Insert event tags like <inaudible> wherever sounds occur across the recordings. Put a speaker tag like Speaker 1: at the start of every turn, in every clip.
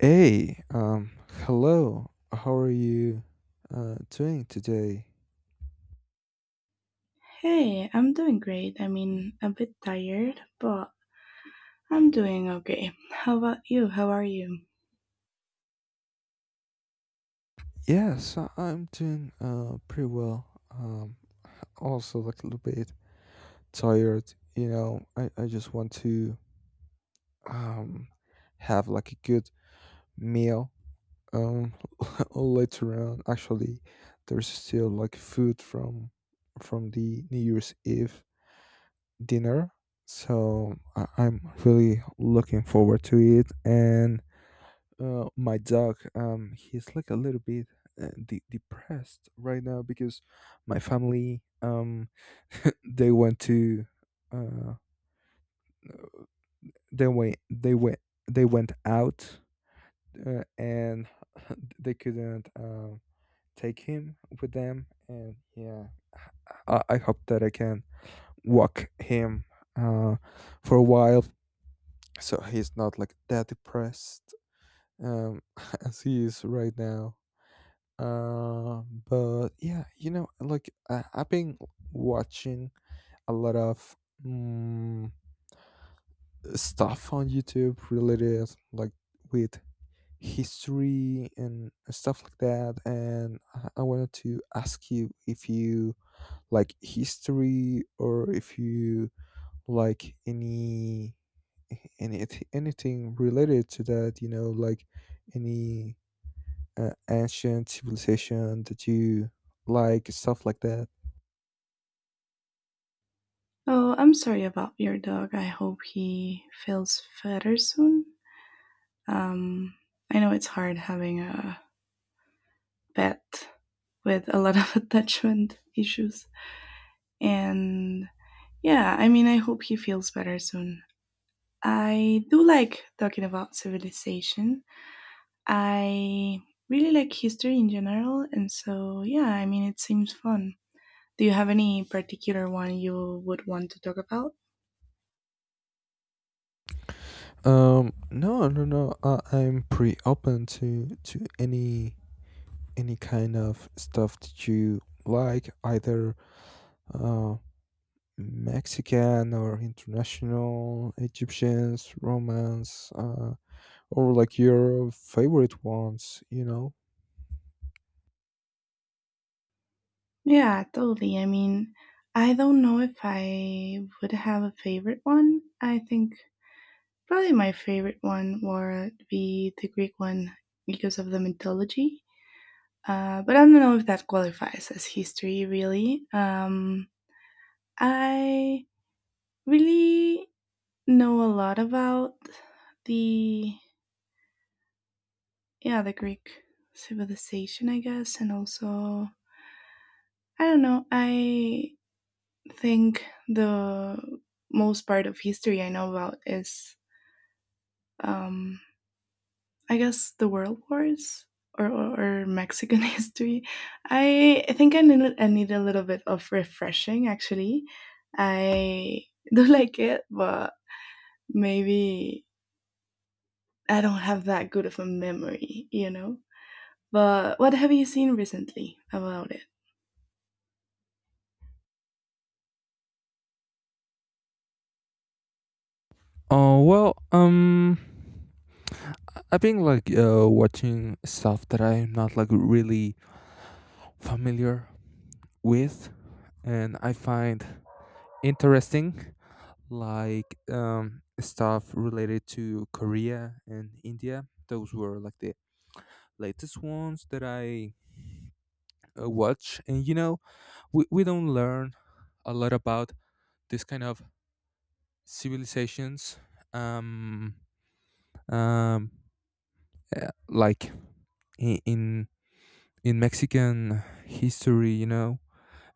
Speaker 1: Hey, um, hello. How are you doing today?
Speaker 2: Hey, I'm doing great. I mean, a bit tired, but I'm doing okay. How about you? How are you?
Speaker 1: I'm doing pretty well. Also like a little bit tired. You know, I just want to um have like a good meal um <laughs> later on. Actually, there's still like food from the New Year's Eve dinner, so I'm really looking forward to it. And my dog he's like a little bit depressed right now because my family <laughs> they went to uh they went they went they went out, and <laughs> they couldn't take him with them. And yeah, I hope that I can walk him uh for a while, so he's not like that depressed um <laughs> as he is right now. Uh, but yeah, you know, like I've been watching a lot of mm, stuff on YouTube related, like with history and stuff like that. And I wanted to ask you if you like history, or if you like any anything related to that. You know, like any ancient civilization that you like, stuff like that.
Speaker 2: Oh, I'm sorry about your dog. I hope he feels better soon. Um, I know it's hard having a pet with a lot of <laughs> attachment issues. And yeah, I mean, I hope he feels better soon. I do like talking about civilization. I really like history in general, and so yeah, I mean, it seems fun. Do you have any particular one you would want to talk about?
Speaker 1: No, I'm pretty open to any kind of stuff that you like, either uh Mexican or international, Egyptians, Romans, or like your favorite ones, you know.
Speaker 2: Yeah, totally. I mean, I don't know if I would have a favorite one. I think probably my favorite one would be the Greek one because of the mythology. But I don't know if that qualifies as history, really. I really know a lot about the yeah the greek civilization I guess and also I don't know I think the most part of history I know about is um I guess the world wars or mexican <laughs> history I think I need a little bit of refreshing actually I <laughs> do like it but maybe I don't have that good of a memory you know but what have you seen recently about it.
Speaker 1: Oh well, I've been like watching stuff that I'm not like really familiar with and I find interesting, like stuff related to Korea and India. Those were like the latest ones that I watch. And you know, we don't learn a lot about this kind of civilizations. Um, um, like in in in Mexican history, you know,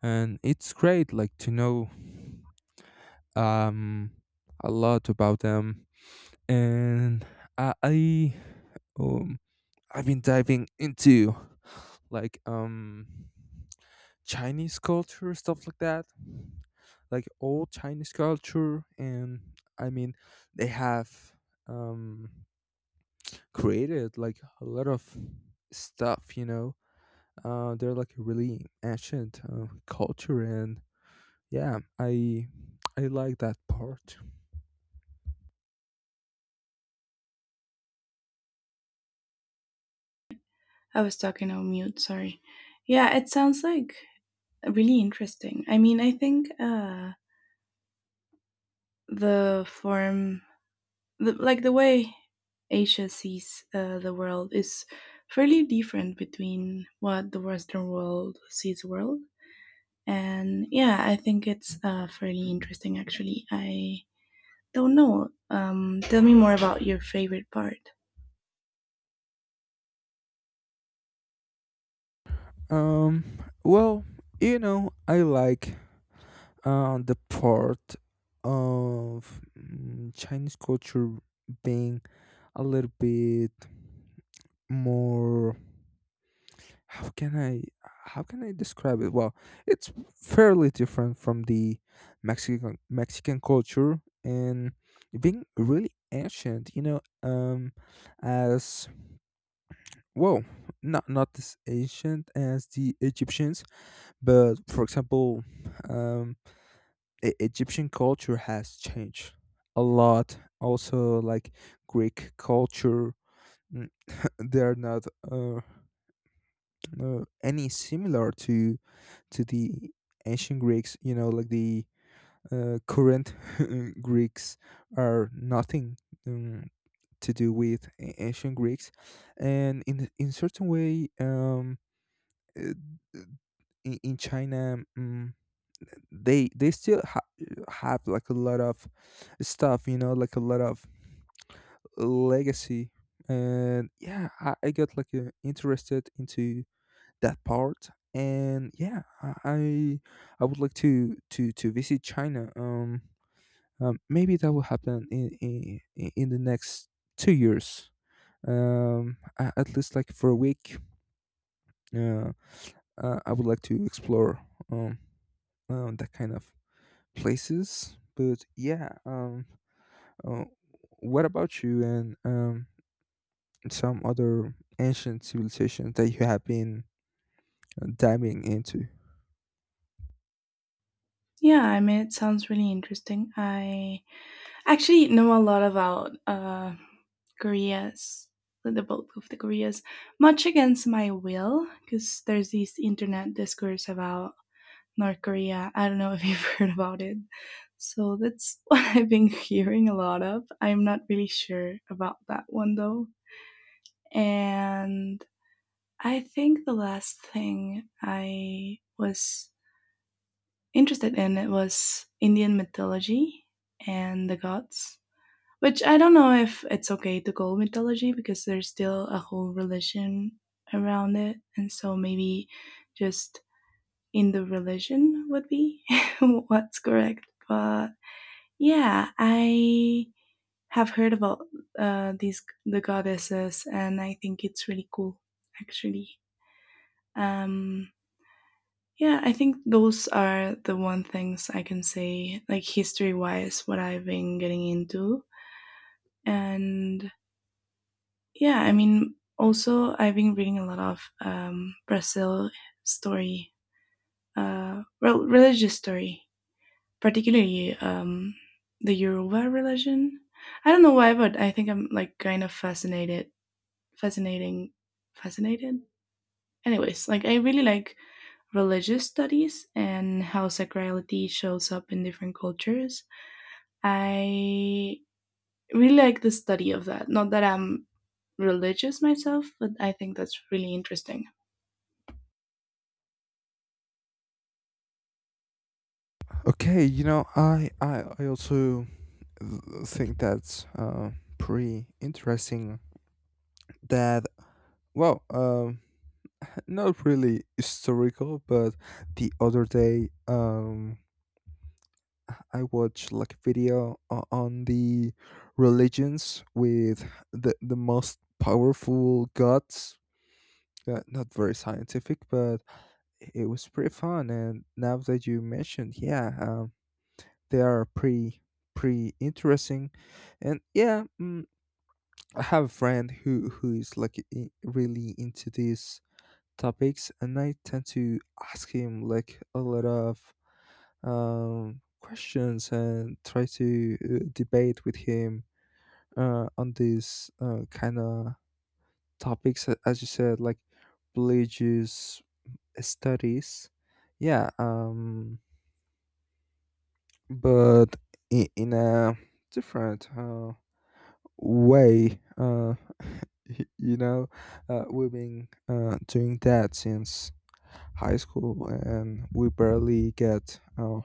Speaker 1: and it's great like to know um a lot about them. And I um I've been diving into like Chinese culture, stuff like that, like old Chinese culture. And I mean, they have um created like a lot of stuff, you know. They're like a really ancient culture, and yeah, I like that part.
Speaker 2: I was talking on mute, sorry. Yeah, it sounds like really interesting. I mean, I think the like the way Asia sees the world is fairly different between what the Western world sees the world. And yeah, I think it's fairly interesting actually. I don't know. Tell me more about your favorite part.
Speaker 1: Um, well, you know, I like the part of Chinese culture being a little bit more, how can I how can I describe it? Well, it's fairly different from the Mexican culture, and being really ancient, you know, as well. Not as ancient as the Egyptians, but for example, um Egyptian culture has changed a lot. Also, like Greek culture, mm, <laughs> they are not any similar to the ancient Greeks. You know, like the current <laughs> Greeks are nothing um, to do with ancient Greeks. And in certain way, uh, in China. They still have like a lot of stuff, you know, like a lot of legacy. And yeah, I got like interested into that part. And yeah, I would like to to visit China. Maybe that will happen in the next 2 years, at least like for a week. uh, I would like to explore um, that kind of places, but yeah. Uh, what about you and some other ancient civilizations that you have been diving into?
Speaker 2: Yeah, I mean, it sounds really interesting. I actually know a lot about Korea's the bulk of the Koreas, much against my will, because there's this internet discourse about North Korea. I don't know if you've <laughs> heard about it. So that's what <laughs> I've been hearing a lot of. I'm not really sure about that one though. And I think the last thing I was interested in it was Indian mythology and the gods. Which I don't know if it's okay to call mythology because there's still a whole religion around it. And so maybe just in the religion would be <laughs> what's correct. But yeah, I have heard about the goddesses and I think it's really cool actually. Um, yeah, I think those are the one things I can say, like history wise, what I've been getting into. And yeah, I mean, also I've been reading a lot of Brazil story, well, religious story, particularly the Yoruba religion. I don't know why, but I think I'm like kind of fascinating, fascinated. Anyways, like I really like religious studies and how sacrality shows up in different cultures. I really like the study of that. Not that I'm religious myself, but I think that's really interesting.
Speaker 1: Okay, you know, I also think that's pretty interesting. That, well, not really historical, but the other day, I watched like a video on the religions with the most powerful gods, not very scientific, but it was pretty fun. And now that you mentioned, yeah, they are pretty interesting. And yeah, I have a friend who is like really into these topics, and I tend to ask him like a lot of questions, and try to debate with him on these kind of topics, as you said, like religious studies. yeah um but in a different way. <laughs> You know, we've been doing that since high school, and we barely get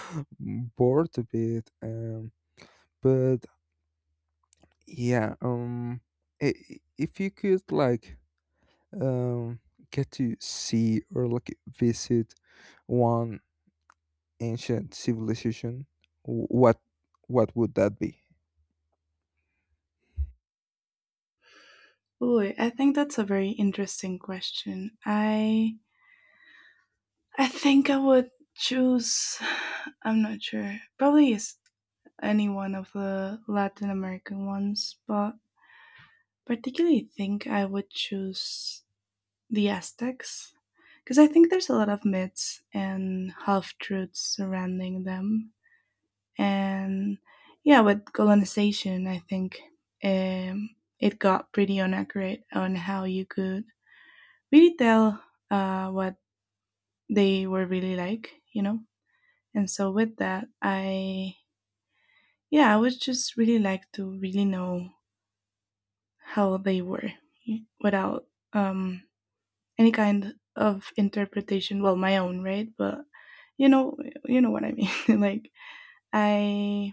Speaker 1: <laughs> bored a bit, but yeah. If you could like um get to see or like visit one ancient civilization, w- what what would that be?
Speaker 2: Ooh, I think that's a very interesting question. I think I would choose. <sighs> I'm not sure. Probably is any one of the Latin American ones, but particularly think I would choose the Aztecs because I think there's a lot of myths and half truths surrounding them. And yeah, with colonization, I think it got pretty inaccurate on how you could really tell what they were really like, you know? And so with that, I, yeah, I would just really like to really know how they were without um, any kind of interpretation well my own right but you know you know what I mean <laughs> like I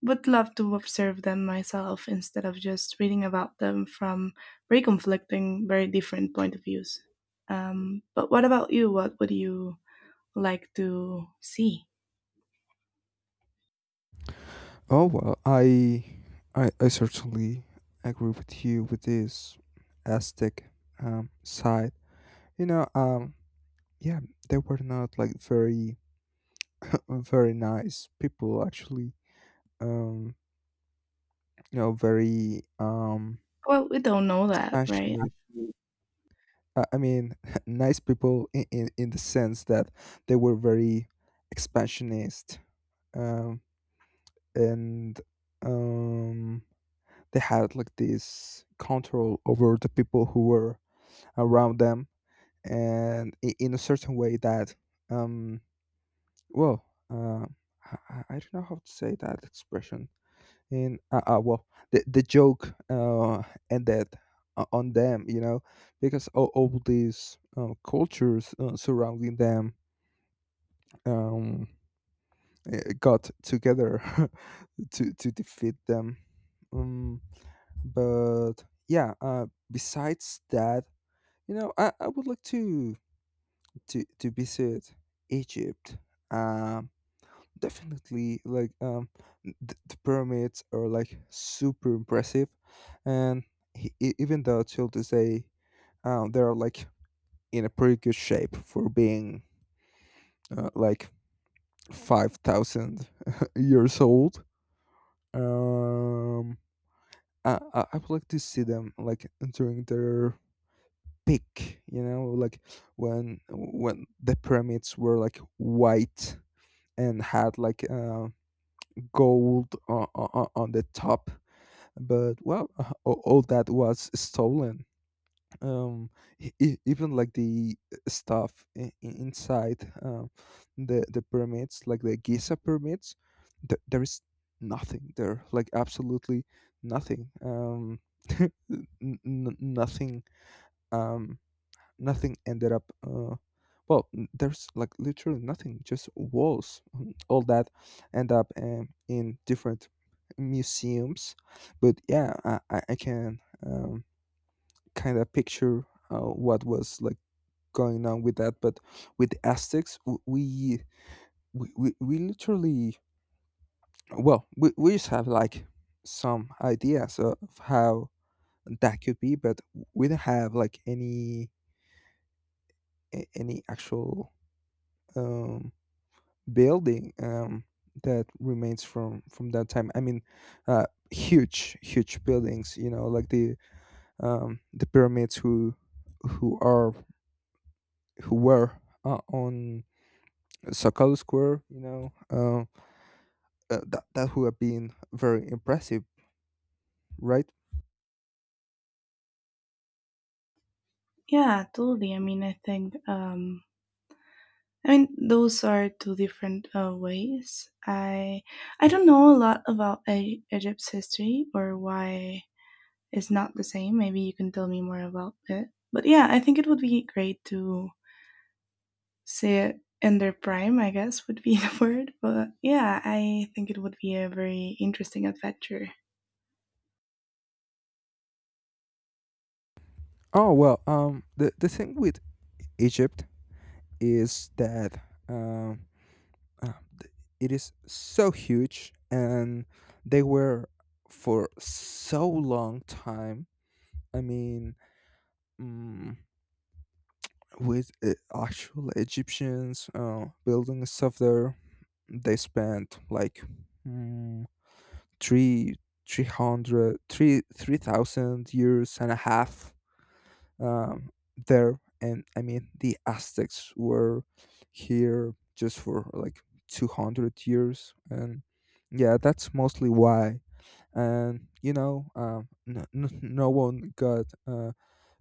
Speaker 2: would love to observe them myself instead of just reading about them from very conflicting very different point of views but what about you what would you like to see.
Speaker 1: Oh well, I certainly agree with you with this Aztec side. You know, yeah, they were not like very <laughs> very nice people actually. Um, you know, very
Speaker 2: Well we don't know that right.
Speaker 1: expansionist. I mean, <laughs> nice people in the sense that they were very expansionist. Um, and um, they had like this control over the people who were around them, and in a certain way that, um, well, I don't know how to say that expression. In Well, the joke ended on them, you know, because all these cultures surrounding them, um, got together <laughs> to defeat them. Um, but yeah, besides that, you know, I would like to to visit Egypt. um Definitely like, the pyramids are like super impressive. And even though till this day they're like in a pretty good shape for being like 5000 <laughs> years old. um I would like to see them like during their peak, you know, like when the pyramids were like white and had like gold on, on the top. But well, all that was stolen. um Even like the stuff inside the pyramids, like the Giza pyramids, there is nothing there, like absolutely nothing. Um <laughs> n- n- Nothing. um Nothing ended up well there's like literally nothing, just walls, and all that end up in different museums. But yeah, I can um, kind of picture what was like going on with that. But with the Aztecs, we literally, well, we just have like some ideas of how that could be, but we don't have like any actual um, building that remains from that time. I mean, uh, huge, huge buildings. You know, like the pyramids who are who were on Sakalo Square. You know, that that would have been very impressive, right?
Speaker 2: Yeah totally I mean I think I mean, those are two different ways. I don't know a lot about E- Egypt's history or why it's not the same. Maybe you can tell me more about it. But yeah, I think it would be great to see it in their prime. I guess would be <laughs> the word. But yeah, I think it would be a very interesting adventure.
Speaker 1: Oh well, the thing with Egypt is that, um, uh, th- it is so huge. And they were for so long time, I mean, mm, with actual Egyptians building stuff there, they spent like mm, three, 300, 3,000 years and a half um, there. And I mean, the Aztecs were here just for like 200 years. And yeah, that's mostly why. And, you know, no no one got. Uh,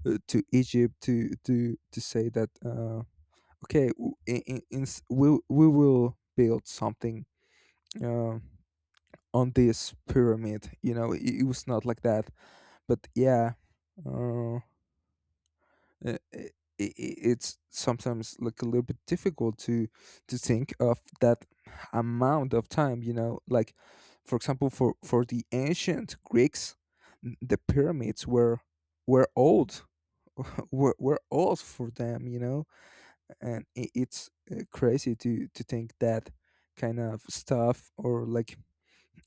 Speaker 1: uh, To Egypt to to say that okay, we will build something uh, on this pyramid. You know, it was not like that. But yeah, uh, i i it's sometimes like a little bit difficult to think of that amount of time. You know, like for example, for the ancient Greeks, the pyramids were old <laughs> were old for them, you know. And it's crazy to think that kind of stuff, or like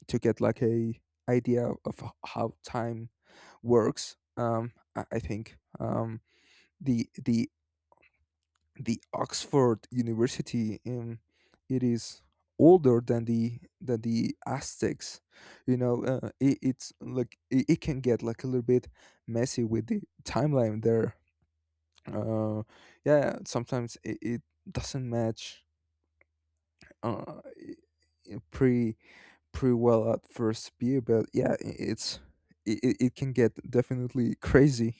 Speaker 1: to get like a idea of how time works. I think the the the Oxford University, it is older than the Aztecs, you know. It, it's like, it can get like a little bit messy with the timeline there. uh yeah, sometimes it doesn't match uh, y- pretty pretty well at first view, but yeah, it can get definitely crazy.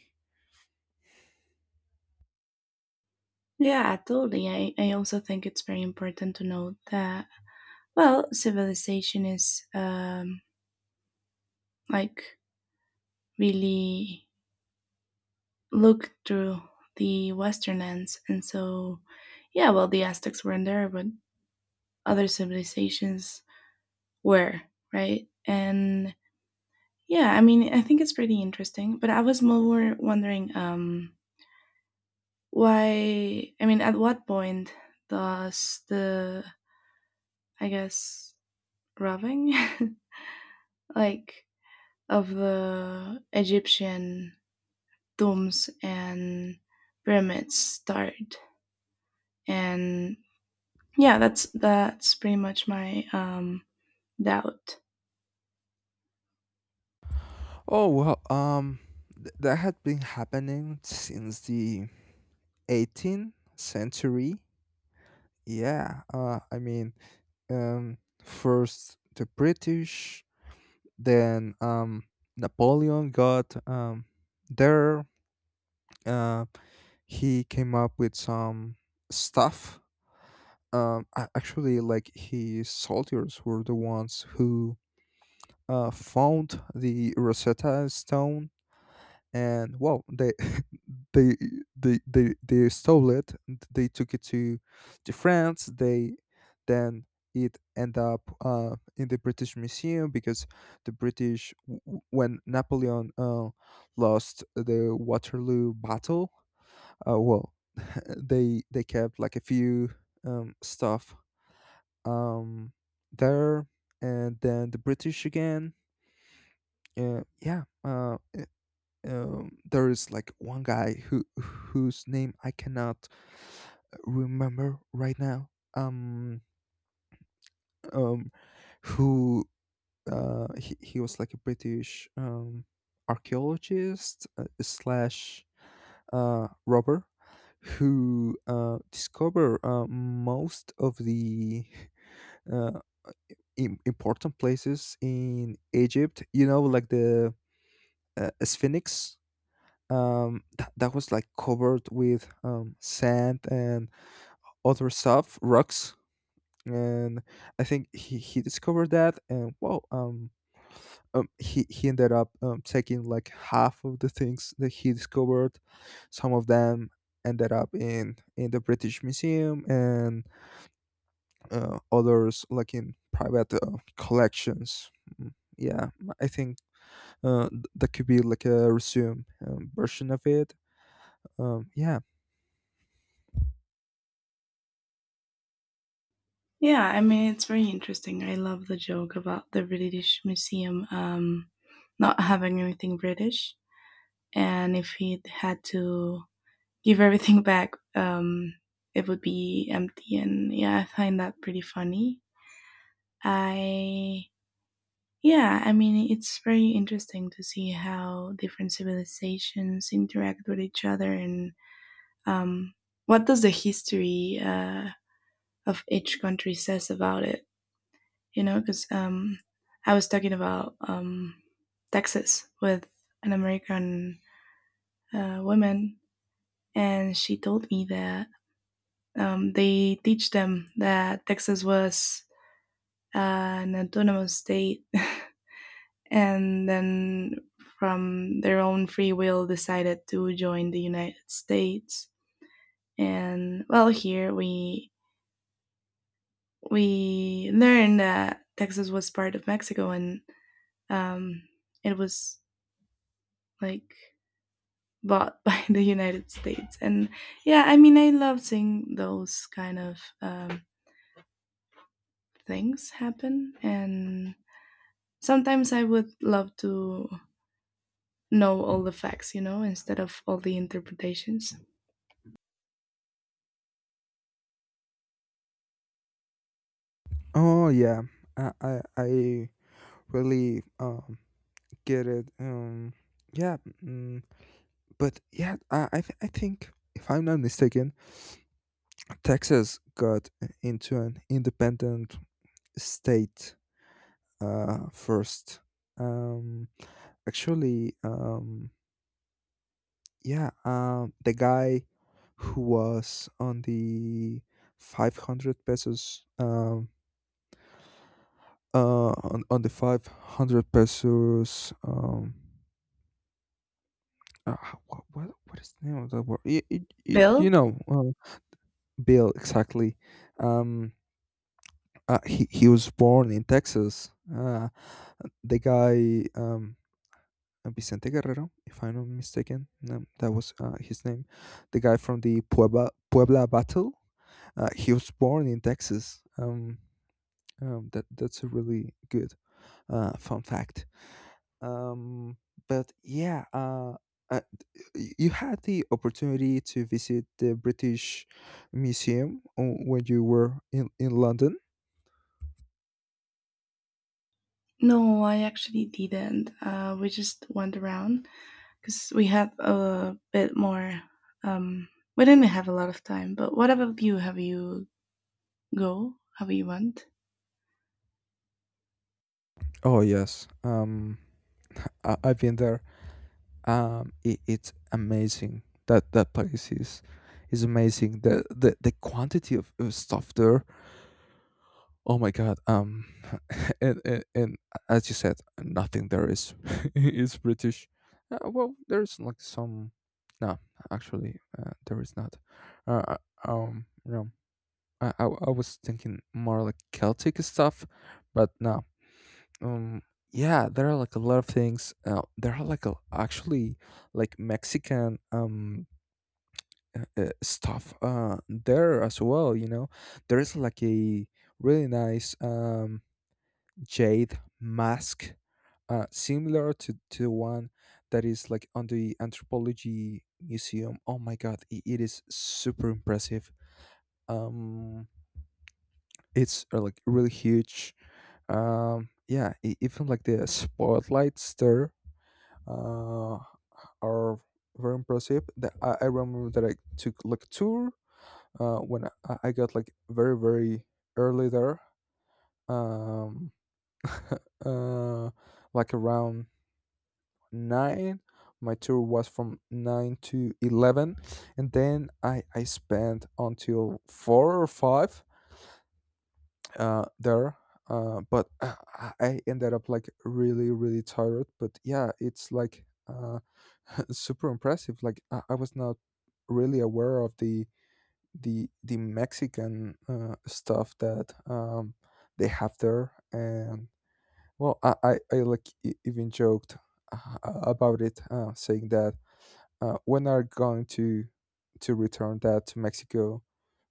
Speaker 2: Yeah, totally. I also think it's very important to note that well, civilization is like really look through the Western ends. And so, yeah, well, the Aztecs weren't there, but other civilizations were, right? And yeah, I mean, I think it's pretty interesting. But I was more wondering why, I mean, at what point does the, I guess, robbing, <laughs> like, of the Egyptian tombs and pyramids start? And yeah that's pretty much my doubt.
Speaker 1: Oh well, that had been happening since the 18th century. Yeah, I mean, um, first the British, then Napoleon got there. Uh, he came up with some stuff. Actually, like his soldiers were the ones who found the Rosetta Stone. And well, they <laughs> they they stole it, and they took it to France. They then it end up in the British Museum, because the British, when Napoleon lost the Waterloo battle, well, <laughs> they kept like a few stuff um, there. And then the British again. Uh, yeah, uh, uh, there is like one guy who whose name I cannot remember right now. Um, um, who, he was like a British archaeologist slash robber, who discovered most of the <laughs> uh, important places in Egypt. You know, like the Sphinx. That was like covered with sand and other stuff, rocks, and I think he discovered that, and wow, he ended up taking like half of the things that he discovered. Some of them ended up in the British Museum, and others like in private collections. Mm, yeah, I think that could be like a resume version of it. Yeah.
Speaker 2: Yeah I mean it's very interesting I love the joke about the british museum not having anything british and if he had to give everything back it would be empty and yeah I find that pretty funny I yeah I mean it's very interesting to see how different civilizations interact with each other and um what does the history of each country says about it. You know, because I was talking about Texas with an American woman, and she told me that they teach them that Texas was uh, an autonomous state, <laughs> and then from their own free will decided to join the United States. And well, here we learned that Texas was part of Mexico, and um, it was like bought <laughs> by the United States. And yeah, I mean, I love seeing those kind of things happen. And sometimes I would love to know all the facts, you know, instead of all the interpretations.
Speaker 1: Oh yeah, I really get it. Yeah, mm, but yeah, I, th- I think if I'm not mistaken, Texas got into an independent state first. Um, actually, um, Yeah, the guy who was on the 500 pesos, on the 500 pesos, uh, what, what is the name of that word? Y- you
Speaker 2: Bill?
Speaker 1: know, uh, Bill, exactly. Um, he was born in Texas. The guy, Vicente Guerrero, if I'm not mistaken, that was his name. The guy from the Puebla battle. He was born in Texas. That that's a really good fun fact. Um, but uh, you had the opportunity to visit the British Museum when you were in London.
Speaker 2: No, I actually didn't. We just went around because we had a bit more. Um, we didn't have a lot of time, but what about you? Have you Go, how you want?
Speaker 1: Oh yes, I've been there. It's amazing that that place is amazing, the quantity of stuff there. Oh my god. Um <laughs> and as you said, nothing there is <laughs> is British. Well, there's like some. No, actually, there is not. Uh, uh, no I was thinking more like Celtic stuff, but no. um yeah, there are like a lot of things. There are like a, actually, like Mexican stuff there as well. You know, there is like a really nice jade mask, similar to the one that is like on the anthropology museum. Oh my god, I it is super impressive. Um, it's like really huge. Even like the spotlights there uh, are very impressive. I remember that I took like tour when I got like very, very early there, um, <laughs> uh, like around nine. My tour was from 9 to 11, and then I spent until four or five there. But <clears throat> I ended up like really, really tired. But yeah, it's like <laughs> super impressive. Like I was not really aware of the the Mexican stuff that they have there, and well, I like even joked about it, saying that when are going to return that to Mexico,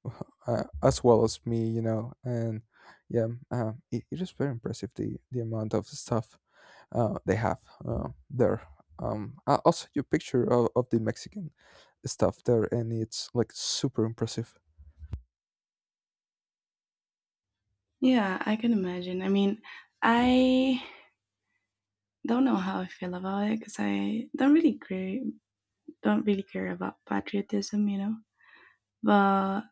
Speaker 1: <laughs> as well as me, you know. And yeah, it is very impressive the amount of stuff they have there. I'll send you a picture of the Mexican stuff there, and it's like super impressive.
Speaker 2: Yeah, I can imagine. I mean, I don't know how I feel about it because I don't really care about patriotism, you know. But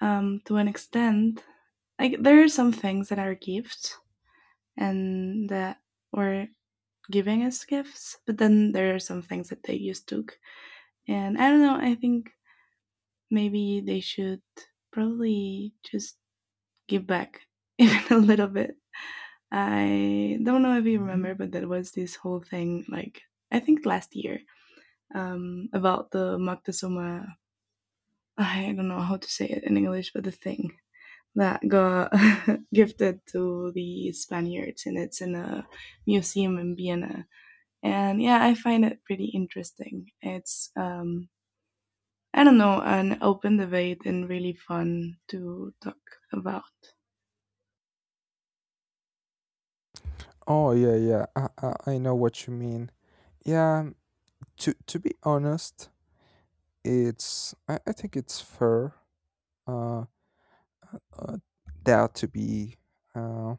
Speaker 2: to an extent, like there are some things that are gifts and that were giving as gifts, but then there are some things that they just took. And I don't know. I think maybe they should probably just give back <laughs> even a little bit. I don't know if you remember, but there was this whole thing, like I think last year, about the Moctezuma. I don't know how to say it in English, but the thing that got <laughs> gifted to the Spaniards, and it's in a museum in Vienna. And yeah, I find it pretty interesting. It's I don't know, an open debate and really fun to talk about.
Speaker 1: Oh yeah, yeah. I know what you mean. Yeah. To be honest, I think it's fair. Uh, uh that to be uh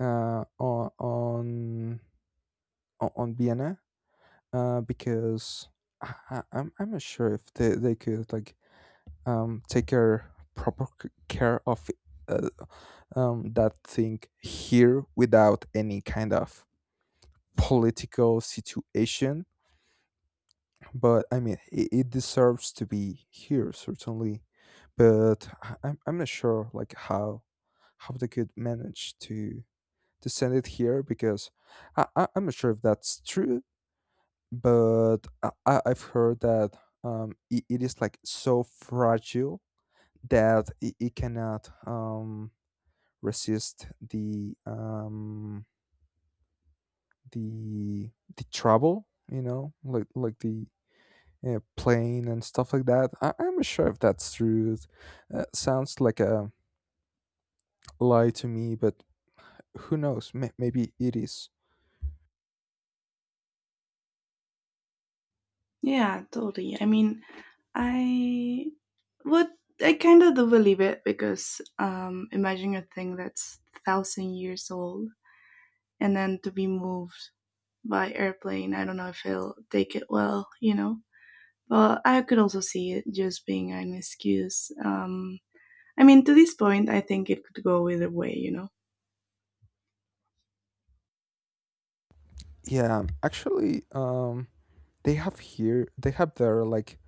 Speaker 1: on On Vienna. Because I'm not sure if they could like take care proper care of uh, that thing here without any kind of political situation. But I mean, it deserves to be here certainly, but I'm not sure like how they could manage to send it here, because I'm not sure if that's true, but I've heard that it is like so fragile that it cannot resist the the trouble, you know, like like the, yeah, plane and stuff like that. I'm not sure if that's true. It sounds like a lie to me, but who knows? Maybe it is.
Speaker 2: Yeah, totally. I mean, I would, I kind of do believe it because imagine a thing that's thousand years old and then to be moved by airplane. I don't know if he'll take it well, you know. But I could also see it just being an excuse I mean, to this point, I think it could go either way, you know?
Speaker 1: Yeah, actually, they have here, they have their like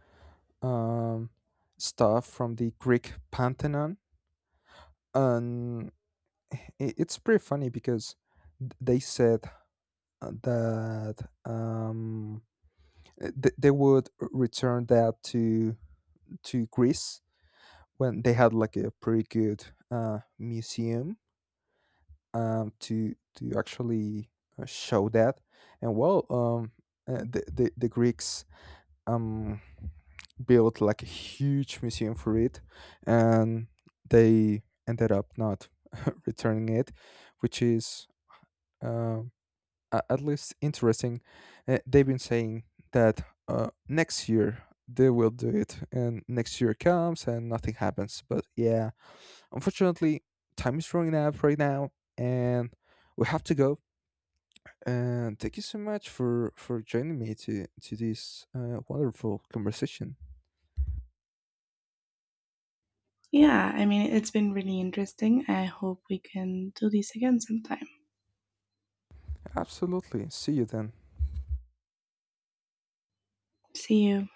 Speaker 1: um, stuff from the Greek Pantheon, and it's pretty funny because they said that they would return that to Greece when they had like a pretty good museum to actually show that. And well, the Greeks um, built like a huge museum for it, and they ended up not <laughs> returning it, which is um, at least interesting. They've been saying that next year they will do it, and next year comes and nothing happens. But yeah, unfortunately, time is running out right now, and we have to go. And thank you so much for joining me to this wonderful conversation.
Speaker 2: Yeah, I mean, it's been really interesting. I hope we can do this again sometime.
Speaker 1: Absolutely. See you then.
Speaker 2: See you.